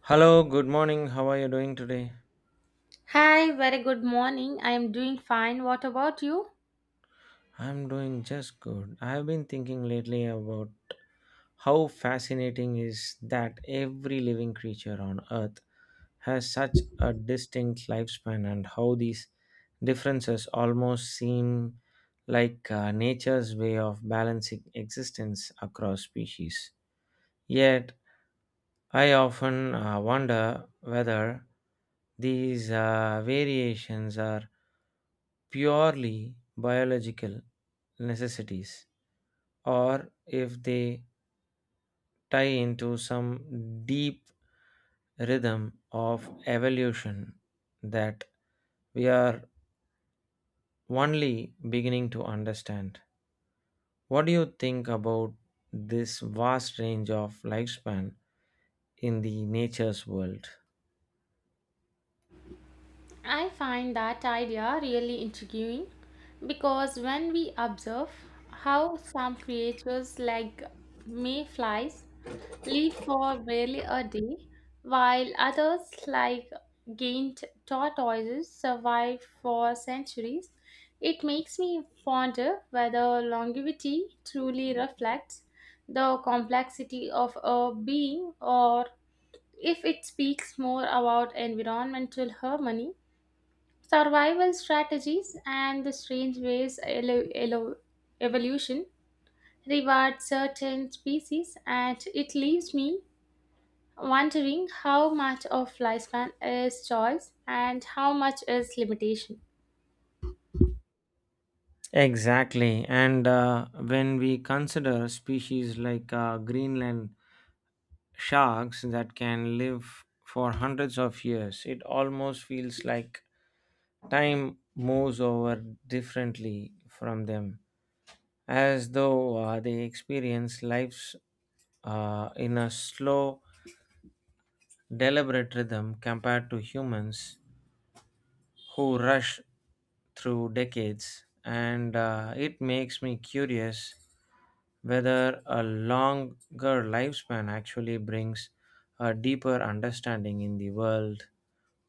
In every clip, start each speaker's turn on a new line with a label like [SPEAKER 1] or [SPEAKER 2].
[SPEAKER 1] Hello, good morning. How are you doing today?
[SPEAKER 2] Hi, very good morning. I am doing fine. What about you?
[SPEAKER 1] I'm doing just good. I have been thinking lately about how fascinating is that every living creature on earth has such a distinct lifespan and how these differences almost seem like nature's way of balancing existence across species. Yet I often wonder whether these variations are purely biological necessities or if they tie into some deep rhythm of evolution that we are only beginning to understand. What do you think about this vast range of lifespan in the nature's world?
[SPEAKER 2] I find that idea really intriguing because when we observe how some creatures like mayflies live for barely a day, while others like giant tortoises survive for centuries, it makes me wonder whether longevity truly reflects the complexity of a being or if it speaks more about environmental harmony, survival strategies, and the strange ways evolution rewards certain species, and it leaves me wondering how much of lifespan is choice and how much is limitation.
[SPEAKER 1] Exactly. And when we consider species like Greenland sharks that can live for hundreds of years, it almost feels like time moves over differently from them, as though they experience lives in a slow, deliberate rhythm compared to humans who rush through decades. And it makes me curious whether a longer lifespan actually brings a deeper understanding in the world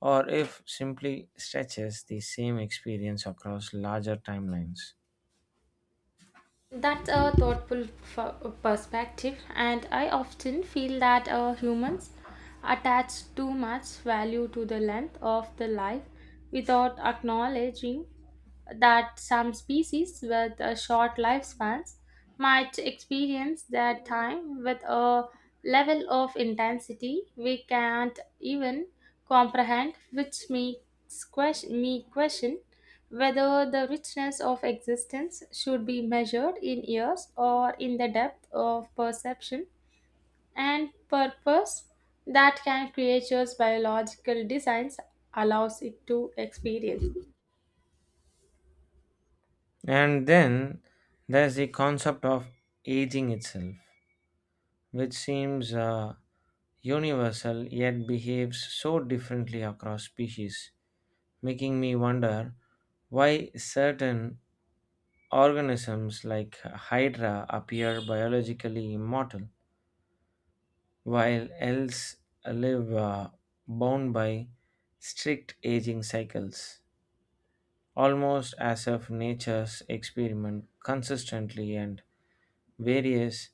[SPEAKER 1] or if simply stretches the same experience across larger timelines.
[SPEAKER 2] That's a thoughtful f- perspective, and I often feel that humans attach too much value to the length of the life without acknowledging that some species with short lifespans might experience their time with a level of intensity we can't even comprehend, which makes me question whether the richness of existence should be measured in years or in the depth of perception and purpose that can creature's biological designs allows it to experience.
[SPEAKER 1] And then there's the concept of aging itself, which seems universal yet behaves so differently across species, making me wonder why certain organisms like Hydra appear biologically immortal, while elves live bound by strict aging cycles, almost as if nature's experiment consistently and various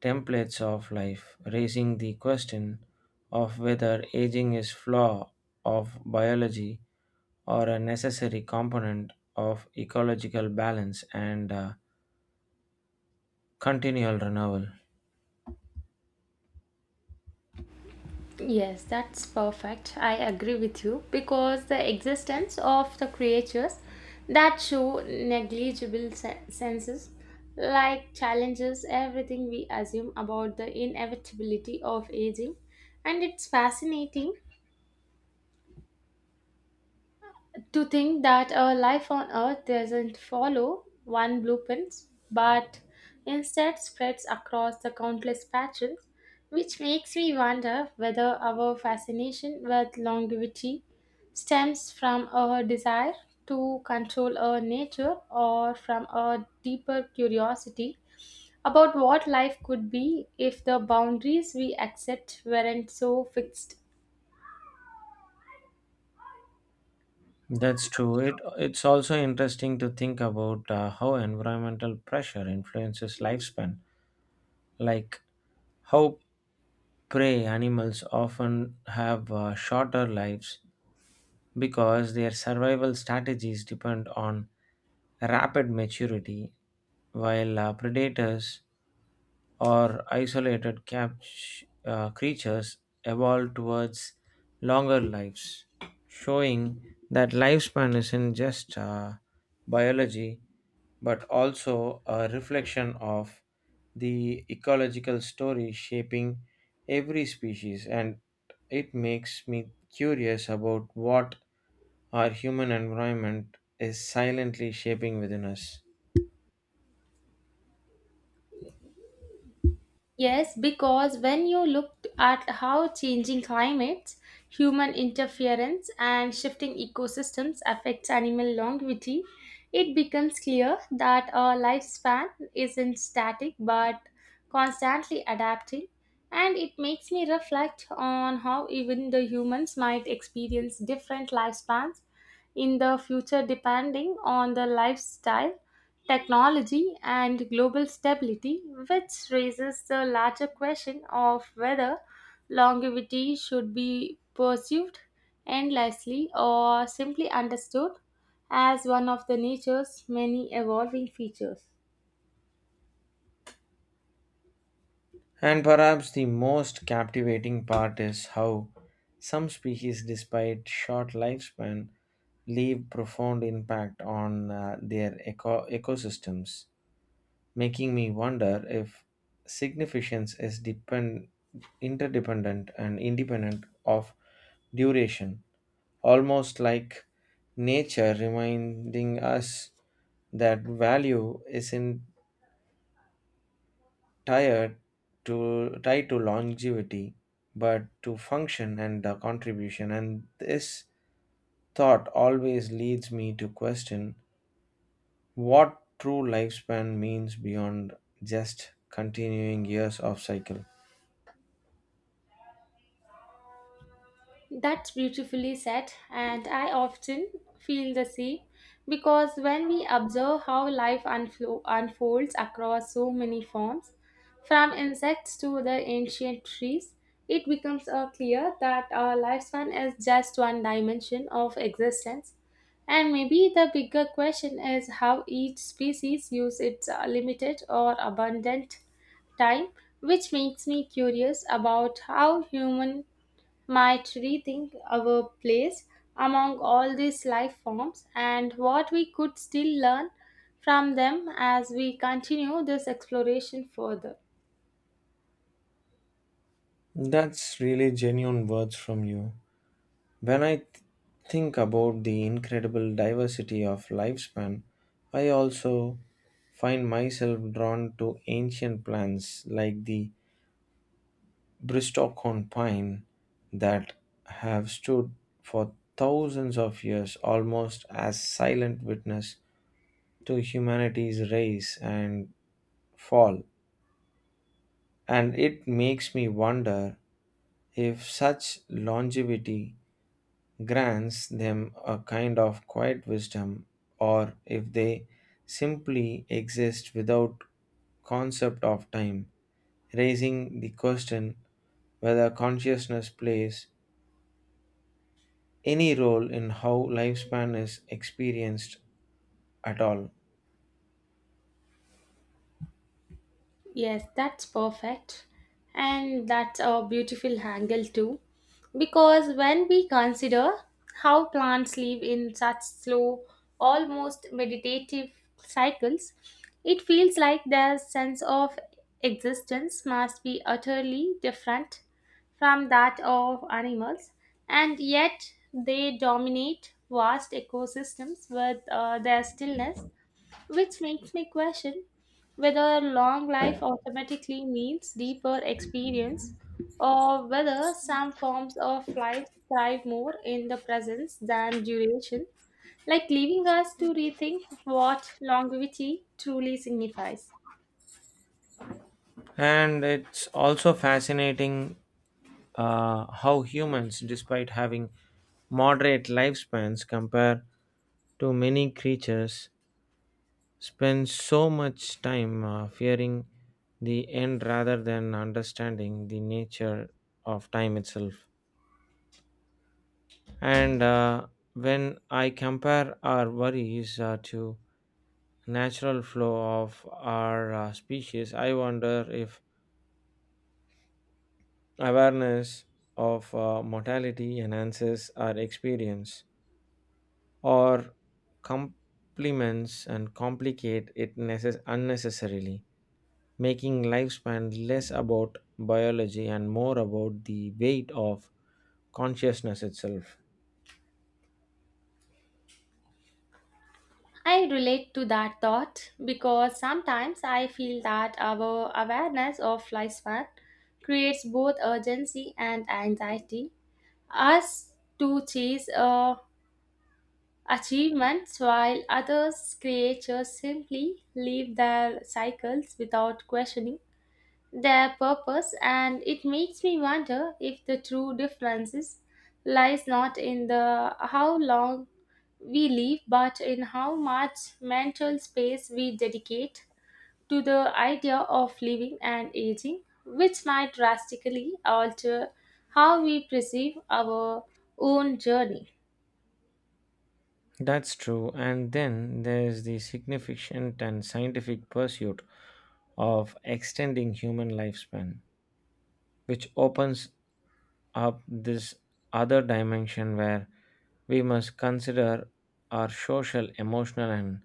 [SPEAKER 1] templates of life, raising the question of whether aging is flaw of biology or a necessary component of ecological balance and continual renewal.
[SPEAKER 2] Yes, that's perfect. I agree with you, because the existence of the creatures that show negligible senses like challenges everything we assume about the inevitability of aging, and it's fascinating to think that our life on Earth doesn't follow one blueprint, but instead spreads across the countless patterns, which makes me wonder whether our fascination with longevity stems from our desire to control our nature or from a deeper curiosity about what life could be if the boundaries we accept weren't so fixed.
[SPEAKER 1] That's true. It's also interesting to think about how environmental pressure influences lifespan, like how prey animals often have shorter lives because their survival strategies depend on rapid maturity, while predators or isolated creatures evolved towards longer lives, showing that lifespan isn't just biology but also a reflection of the ecological story shaping every species and it makes me curious about what our human environment is silently shaping within us.
[SPEAKER 2] Yes, because when you look at how changing climates, human interference, and shifting ecosystems affects animal longevity, it becomes clear that our lifespan isn't static but constantly adapting. And it makes me reflect on how even the humans might experience different lifespans in the future depending on the lifestyle, technology, and global stability, which raises the larger question of whether longevity should be pursued endlessly or simply understood as one of the nature's many evolving features.
[SPEAKER 1] And perhaps the most captivating part is how some species, despite short lifespan, leave profound impact on their ecosystems, making me wonder if significance is interdependent and independent of duration, almost like nature reminding us that value isn't tied tied to longevity, but to function and the contribution. And this thought always leads me to question what true lifespan means beyond just continuing years of cycle.
[SPEAKER 2] That's beautifully said, and I often feel the same because when we observe how life unfolds across so many forms, from insects to the ancient trees, it becomes clear that our lifespan is just one dimension of existence. And maybe the bigger question is how each species uses its limited or abundant time, which makes me curious about how human might rethink our place among all these life forms and what we could still learn from them as we continue this exploration further.
[SPEAKER 1] That's really genuine words from you. When I think about the incredible diversity of lifespan, I also find myself drawn to ancient plants like the Bristlecone pine that have stood for thousands of years almost as silent witness to humanity's rise and fall. And it makes me wonder if such longevity grants them a kind of quiet wisdom or if they simply exist without concept of time, raising the question whether consciousness plays any role in how lifespan is experienced at all.
[SPEAKER 2] Yes, that's perfect. And that's a beautiful angle too. Because when we consider how plants live in such slow, almost meditative cycles, it feels like their sense of existence must be utterly different from that of animals, and yet they dominate vast ecosystems with their stillness, which makes me question whether long life automatically means deeper experience or whether some forms of life thrive more in the presence than duration, like leaving us to rethink what longevity truly signifies.
[SPEAKER 1] And it's also fascinating how humans, despite having moderate lifespans compared to many creatures, spend so much time fearing the end rather than understanding the nature of time itself. And when I compare our worries to natural flow of our species, I wonder if awareness of mortality enhances our experience or complements and unnecessarily, making lifespan less about biology and more about the weight of consciousness itself.
[SPEAKER 2] I relate to that thought because sometimes I feel that our awareness of lifespan creates both urgency and anxiety. Us to chase a achievements while others creatures simply live their cycles without questioning their purpose, and it makes me wonder if the true differences lies not in the how long we live but in how much mental space we dedicate to the idea of living and aging, which might drastically alter how we perceive our own journey.
[SPEAKER 1] That's true. And then there's the significant and scientific pursuit of extending human lifespan, which opens up this other dimension where we must consider our social, emotional, and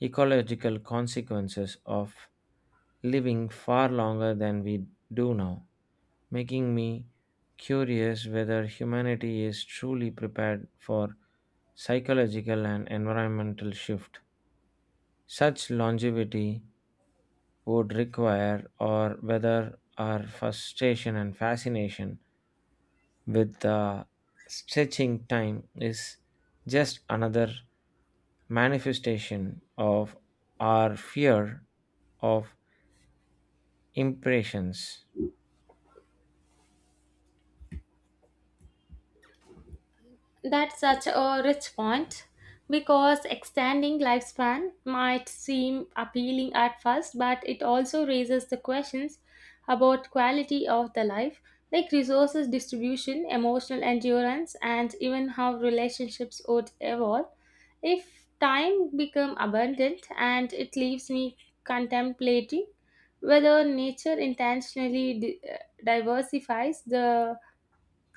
[SPEAKER 1] ecological consequences of living far longer than we do now, making me curious whether humanity is truly prepared for psychological and environmental shift such longevity would require or whether our frustration and fascination with the stretching time is just another manifestation of our fear of impressions.
[SPEAKER 2] That's such a rich point because extending lifespan might seem appealing at first, but it also raises the questions about quality of the life, like resources distribution, emotional endurance, and even how relationships would evolve if time become abundant, and it leaves me contemplating whether nature intentionally diversifies the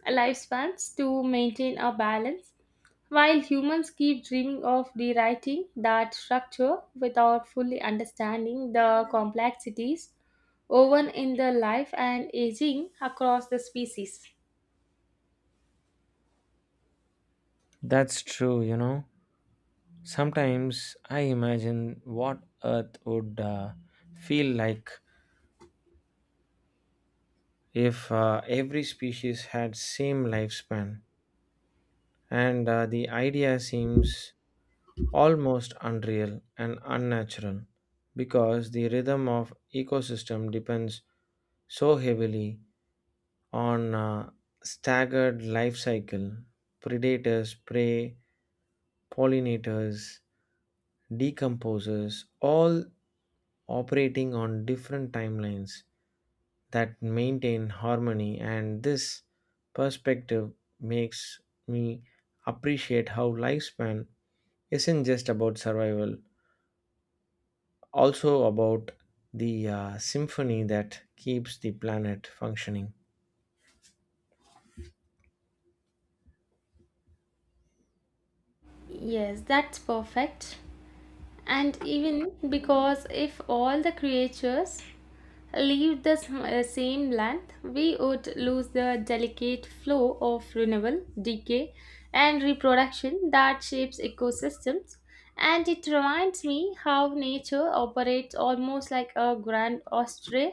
[SPEAKER 2] lifespans to maintain a balance while humans keep dreaming of rewriting that structure without fully understanding the complexities woven in the life and aging across the species.
[SPEAKER 1] That's true, you know. Sometimes I imagine what Earth would feel like if every species had same lifespan, and the idea seems almost unreal and unnatural because the rhythm of ecosystem depends so heavily on a staggered life cycle, predators, prey, pollinators, decomposers all operating on different timelines that maintain harmony and this perspective makes me appreciate how lifespan isn't just about survival, also about the symphony that keeps the planet functioning.
[SPEAKER 2] Yes, that's perfect. And even because if all the creatures leave the same length, we would lose the delicate flow of renewal, decay, and reproduction that shapes ecosystems. And it reminds me how nature operates almost like a grand orchestra,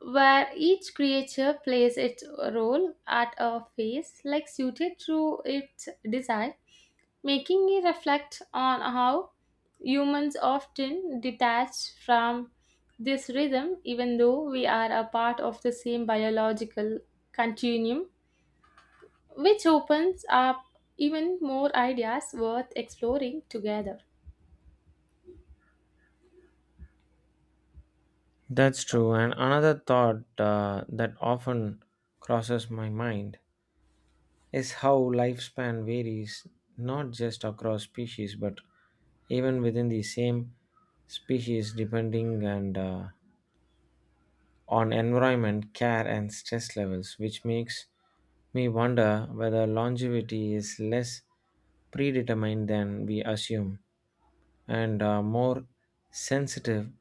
[SPEAKER 2] where each creature plays its role at a phase, like suited to its design, making me reflect on how humans often detach from this rhythm, even though we are a part of the same biological continuum, which opens up even more ideas worth exploring together.
[SPEAKER 1] That's true. And another thought that often crosses my mind is how lifespan varies not just across species but even within the same species depending and on environment care and stress levels which makes me wonder whether longevity is less predetermined than we assume and more sensitive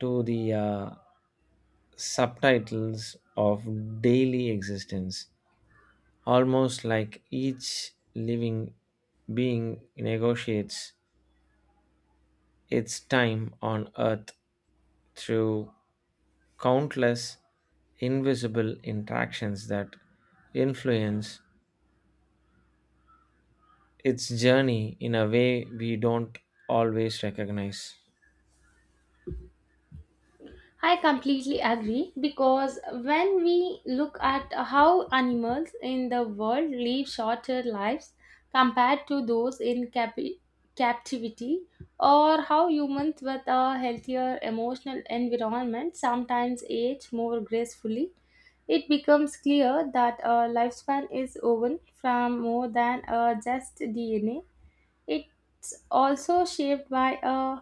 [SPEAKER 1] to the subtitles of daily existence, almost like each living being negotiates its time on earth through countless invisible interactions that influence its journey in a way we don't always recognize.
[SPEAKER 2] I completely agree because when we look at how animals in the world live shorter lives compared to those in captivity, or how humans with a healthier emotional environment sometimes age more gracefully, it becomes clear that a lifespan is woven from more than just DNA. It's also shaped by a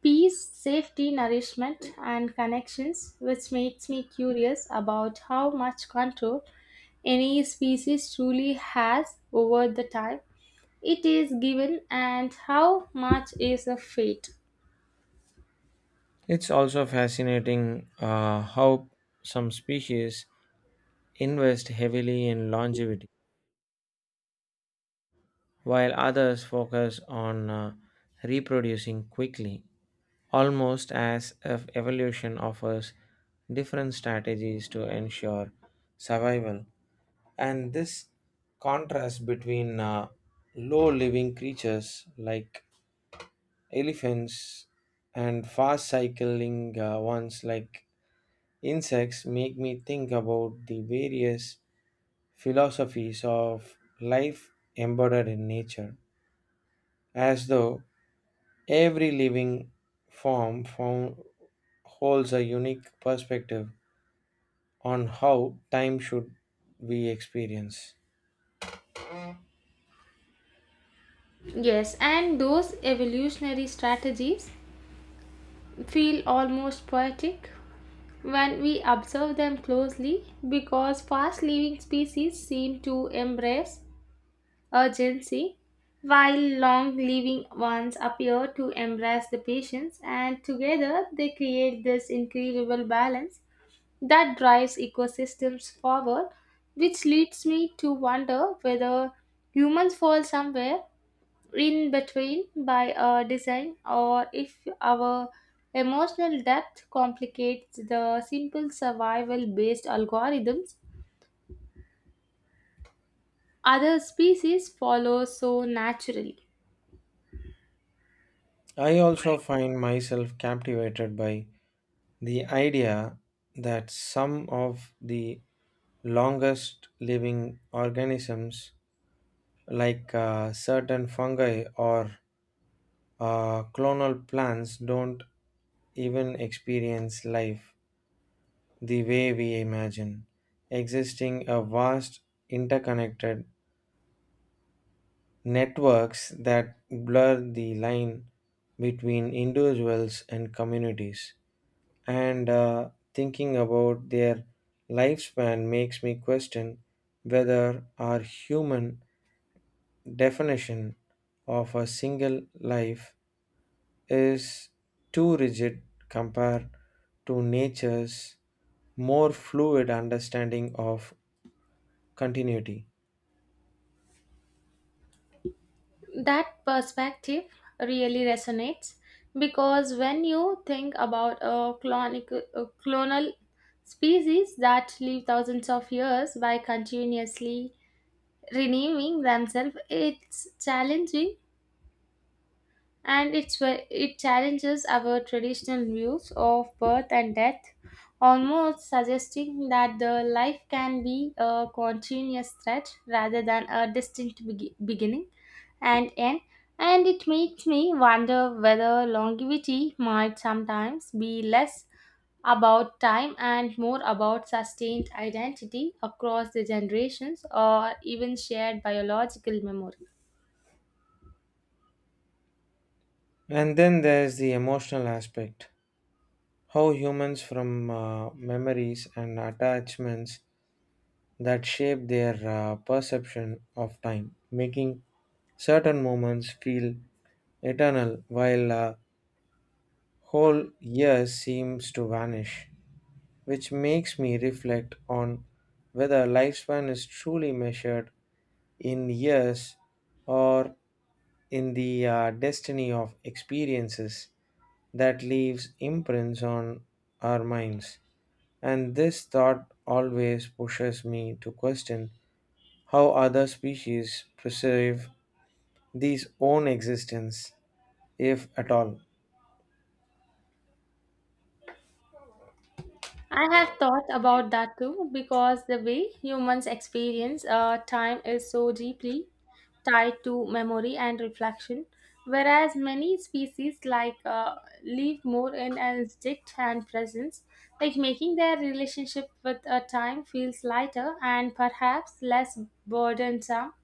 [SPEAKER 2] peace, safety, nourishment, and connections, which makes me curious about how much control any species truly has over the time it is given and how much is a fate.
[SPEAKER 1] It's also fascinating how some species invest heavily in longevity, while others focus on reproducing quickly, almost as if evolution offers different strategies to ensure survival. And this contrast between low living creatures like elephants and fast cycling ones like insects make me think about the various philosophies of life embodied in nature, as though every living form found, holds a unique perspective on how time should be experienced.
[SPEAKER 2] Yes, and those evolutionary strategies feel almost poetic when we observe them closely because fast living species seem to embrace urgency, while long living ones appear to embrace the patience, and together they create this incredible balance that drives ecosystems forward, which leads me to wonder whether humans fall somewhere in between by design, or if our emotional depth complicates the simple survival based algorithms other species follow so naturally.
[SPEAKER 1] I also find myself captivated by the idea that some of the longest living organisms, like certain fungi or clonal plants don't even experience life the way we imagine, existing a vast interconnected networks that blur the line between individuals and communities. And thinking about their lifespan makes me question whether our human definition of a single life is too rigid compared to nature's more fluid understanding of continuity.
[SPEAKER 2] That perspective really resonates because when you think about a clonal species that live thousands of years by continuously renewing themselves, it's challenging, and it challenges our traditional views of birth and death, almost suggesting that the life can be a continuous threat rather than a distinct beginning and N, and it makes me wonder whether longevity might sometimes be less about time and more about sustained identity across the generations or even shared biological memory.
[SPEAKER 1] And then there's the emotional aspect, how humans from memories and attachments that shape their perception of time, making certain moments feel eternal while whole years seems to vanish, which makes me reflect on whether lifespan is truly measured in years or in the destiny of experiences that leaves imprints on our minds and this thought always pushes me to question how other species preserve these own existence, if at all.
[SPEAKER 2] I have thought about that too because the way humans experience time is so deeply tied to memory and reflection, whereas many species like live more in an instinct and presence, like making their relationship with a time feels lighter and perhaps less burdensome,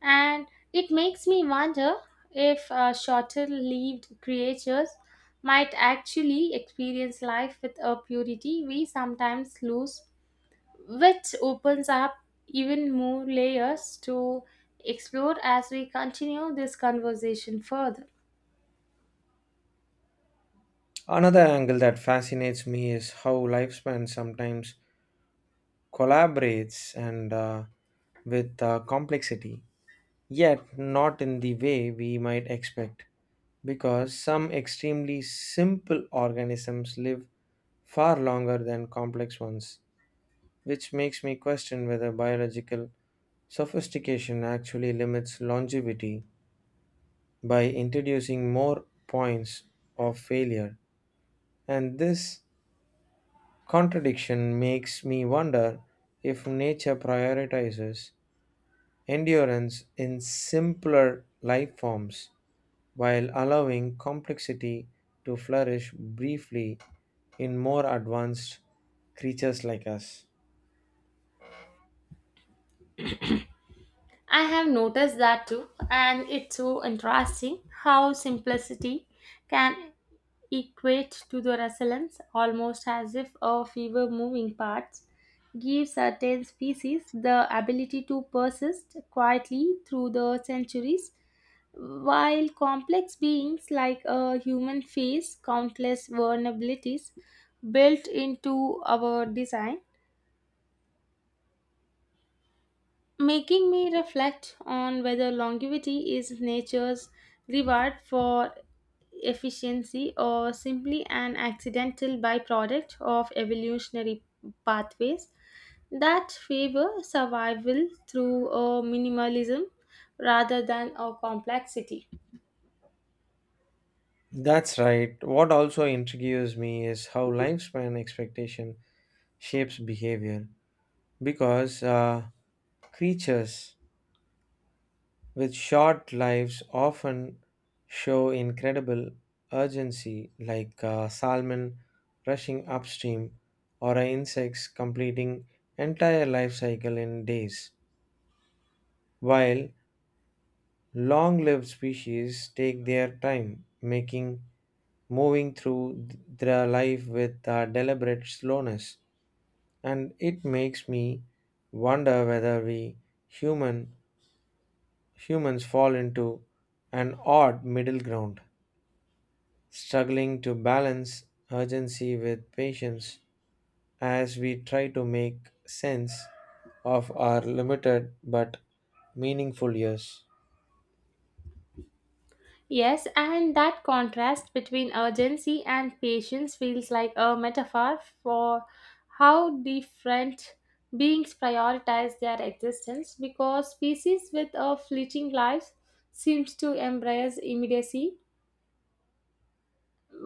[SPEAKER 2] and it makes me wonder if shorter lived creatures might actually experience life with a purity we sometimes lose, which opens up even more layers to explore as we continue this conversation further.
[SPEAKER 1] Another angle that fascinates me is how lifespan sometimes collaborates and with complexity, yet not in the way we might expect, because some extremely simple organisms live far longer than complex ones, which makes me question whether biological sophistication actually limits longevity by introducing more points of failure. And this contradiction makes me wonder if nature prioritizes endurance in simpler life forms while allowing complexity to flourish briefly in more advanced creatures like us.
[SPEAKER 2] I have noticed that too, and it's so interesting how simplicity can equate to the resilience, almost as if a fewer moving parts give certain species the ability to persist quietly through the centuries, while complex beings like a human face countless vulnerabilities built into our design, making me reflect on whether longevity is nature's reward for efficiency or simply an accidental byproduct of evolutionary pathways that favor survival through a minimalism rather than a complexity.
[SPEAKER 1] That's right. What also intrigues me is how lifespan expectation shapes behavior because creatures with short lives often show incredible urgency, like a salmon rushing upstream or a insects completing entire life cycle in days, while long-lived species take their time, making moving through their life with a deliberate slowness. And it makes me wonder whether we human humans fall into an odd middle ground, struggling to balance urgency with patience as we try to make sense of our limited but meaningful years.
[SPEAKER 2] Yes, and that contrast between urgency and patience feels like a metaphor for how different beings prioritize their existence, because species with a fleeting life seems to embrace immediacy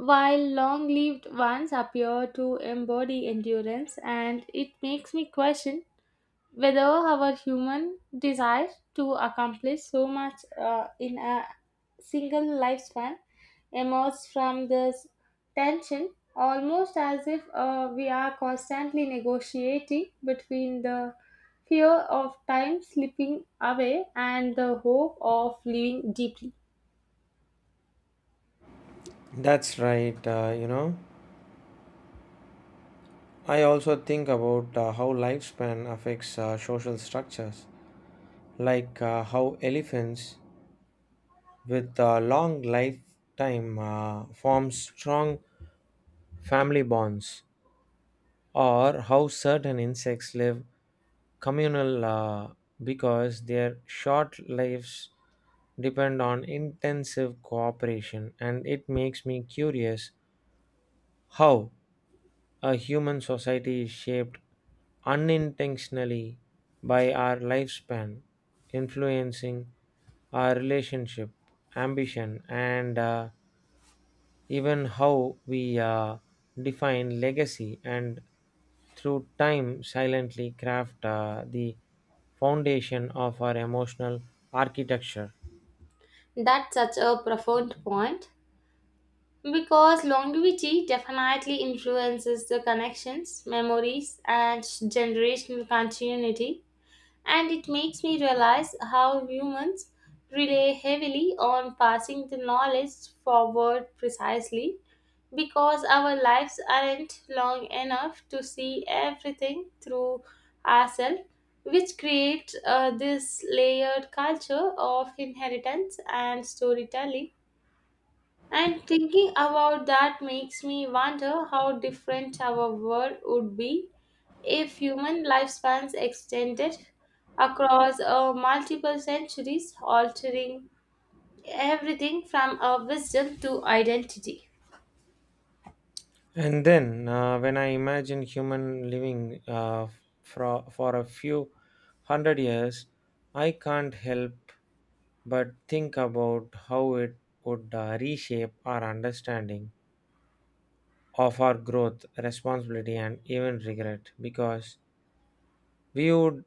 [SPEAKER 2] while long-lived ones appear to embody endurance, and it makes me question whether our human desire to accomplish so much in a single lifespan emerges from this tension, almost as if we are constantly negotiating between the fear of time slipping away and the hope of living deeply.
[SPEAKER 1] That's right, you know. I also think about how lifespan affects social structures, like how elephants with a long lifetime form strong family bonds, or how certain insects live communal because their short lives depend on intensive cooperation and it makes me curious how a human society is shaped unintentionally by our lifespan influencing our relationship ambition and even how we define legacy and through time silently craft the foundation of our emotional architecture.
[SPEAKER 2] That's such a profound point because longevity definitely influences the connections, memories, and generational continuity, and it makes me realize how humans rely heavily on passing the knowledge forward precisely because our lives aren't long enough to see everything through ourselves, which creates this layered culture of inheritance and storytelling, and thinking about that makes me wonder how different our world would be if human lifespans extended across multiple centuries, altering everything from our wisdom to identity.
[SPEAKER 1] And then when I imagine human living for a few hundred years I can't help but think about how it would reshape our understanding of our growth responsibility and even regret because we would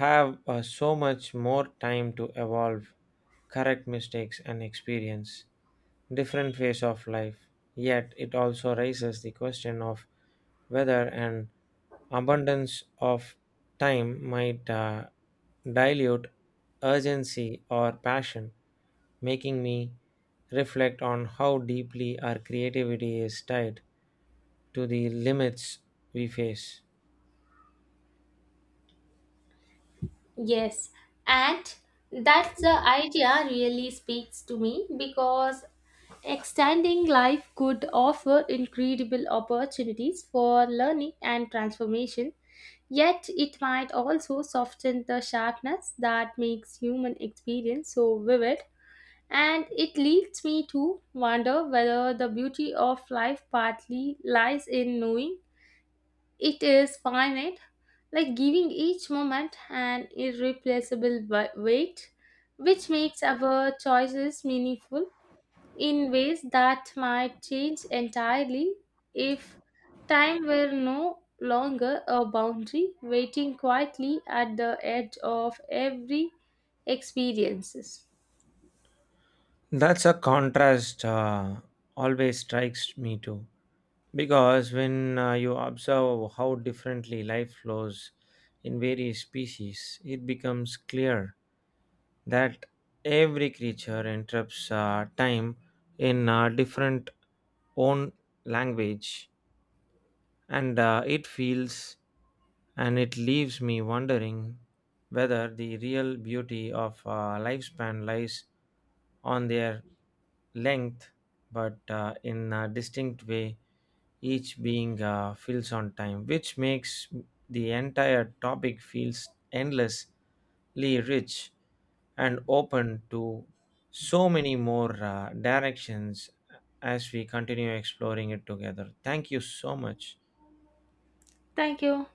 [SPEAKER 1] have so much more time to evolve, correct mistakes, and experience different phase of life. Yet it also raises the question of whether an abundance of time might dilute urgency or passion, making me reflect on how deeply our creativity is tied to the limits we face.
[SPEAKER 2] Yes, and that's the idea really speaks to me because extending life could offer incredible opportunities for learning and transformation, yet, it might also soften the sharpness that makes human experience so vivid. And it leads me to wonder whether the beauty of life partly lies in knowing it is finite, like giving each moment an irreplaceable weight, which makes our choices meaningful in ways that might change entirely if time were no longer a boundary waiting quietly at the edge of every experiences.
[SPEAKER 1] That's a contrast always strikes me too. Because when you observe how differently life flows in various species, it becomes clear that every creature interrupts time in a different own language and it feels and it leaves me wondering whether the real beauty of lifespan lies on their length but in a distinct way each being fills on time which makes the entire topic feels endlessly rich and open to so many more directions as we continue exploring it together. Thank you so much.
[SPEAKER 2] Thank you.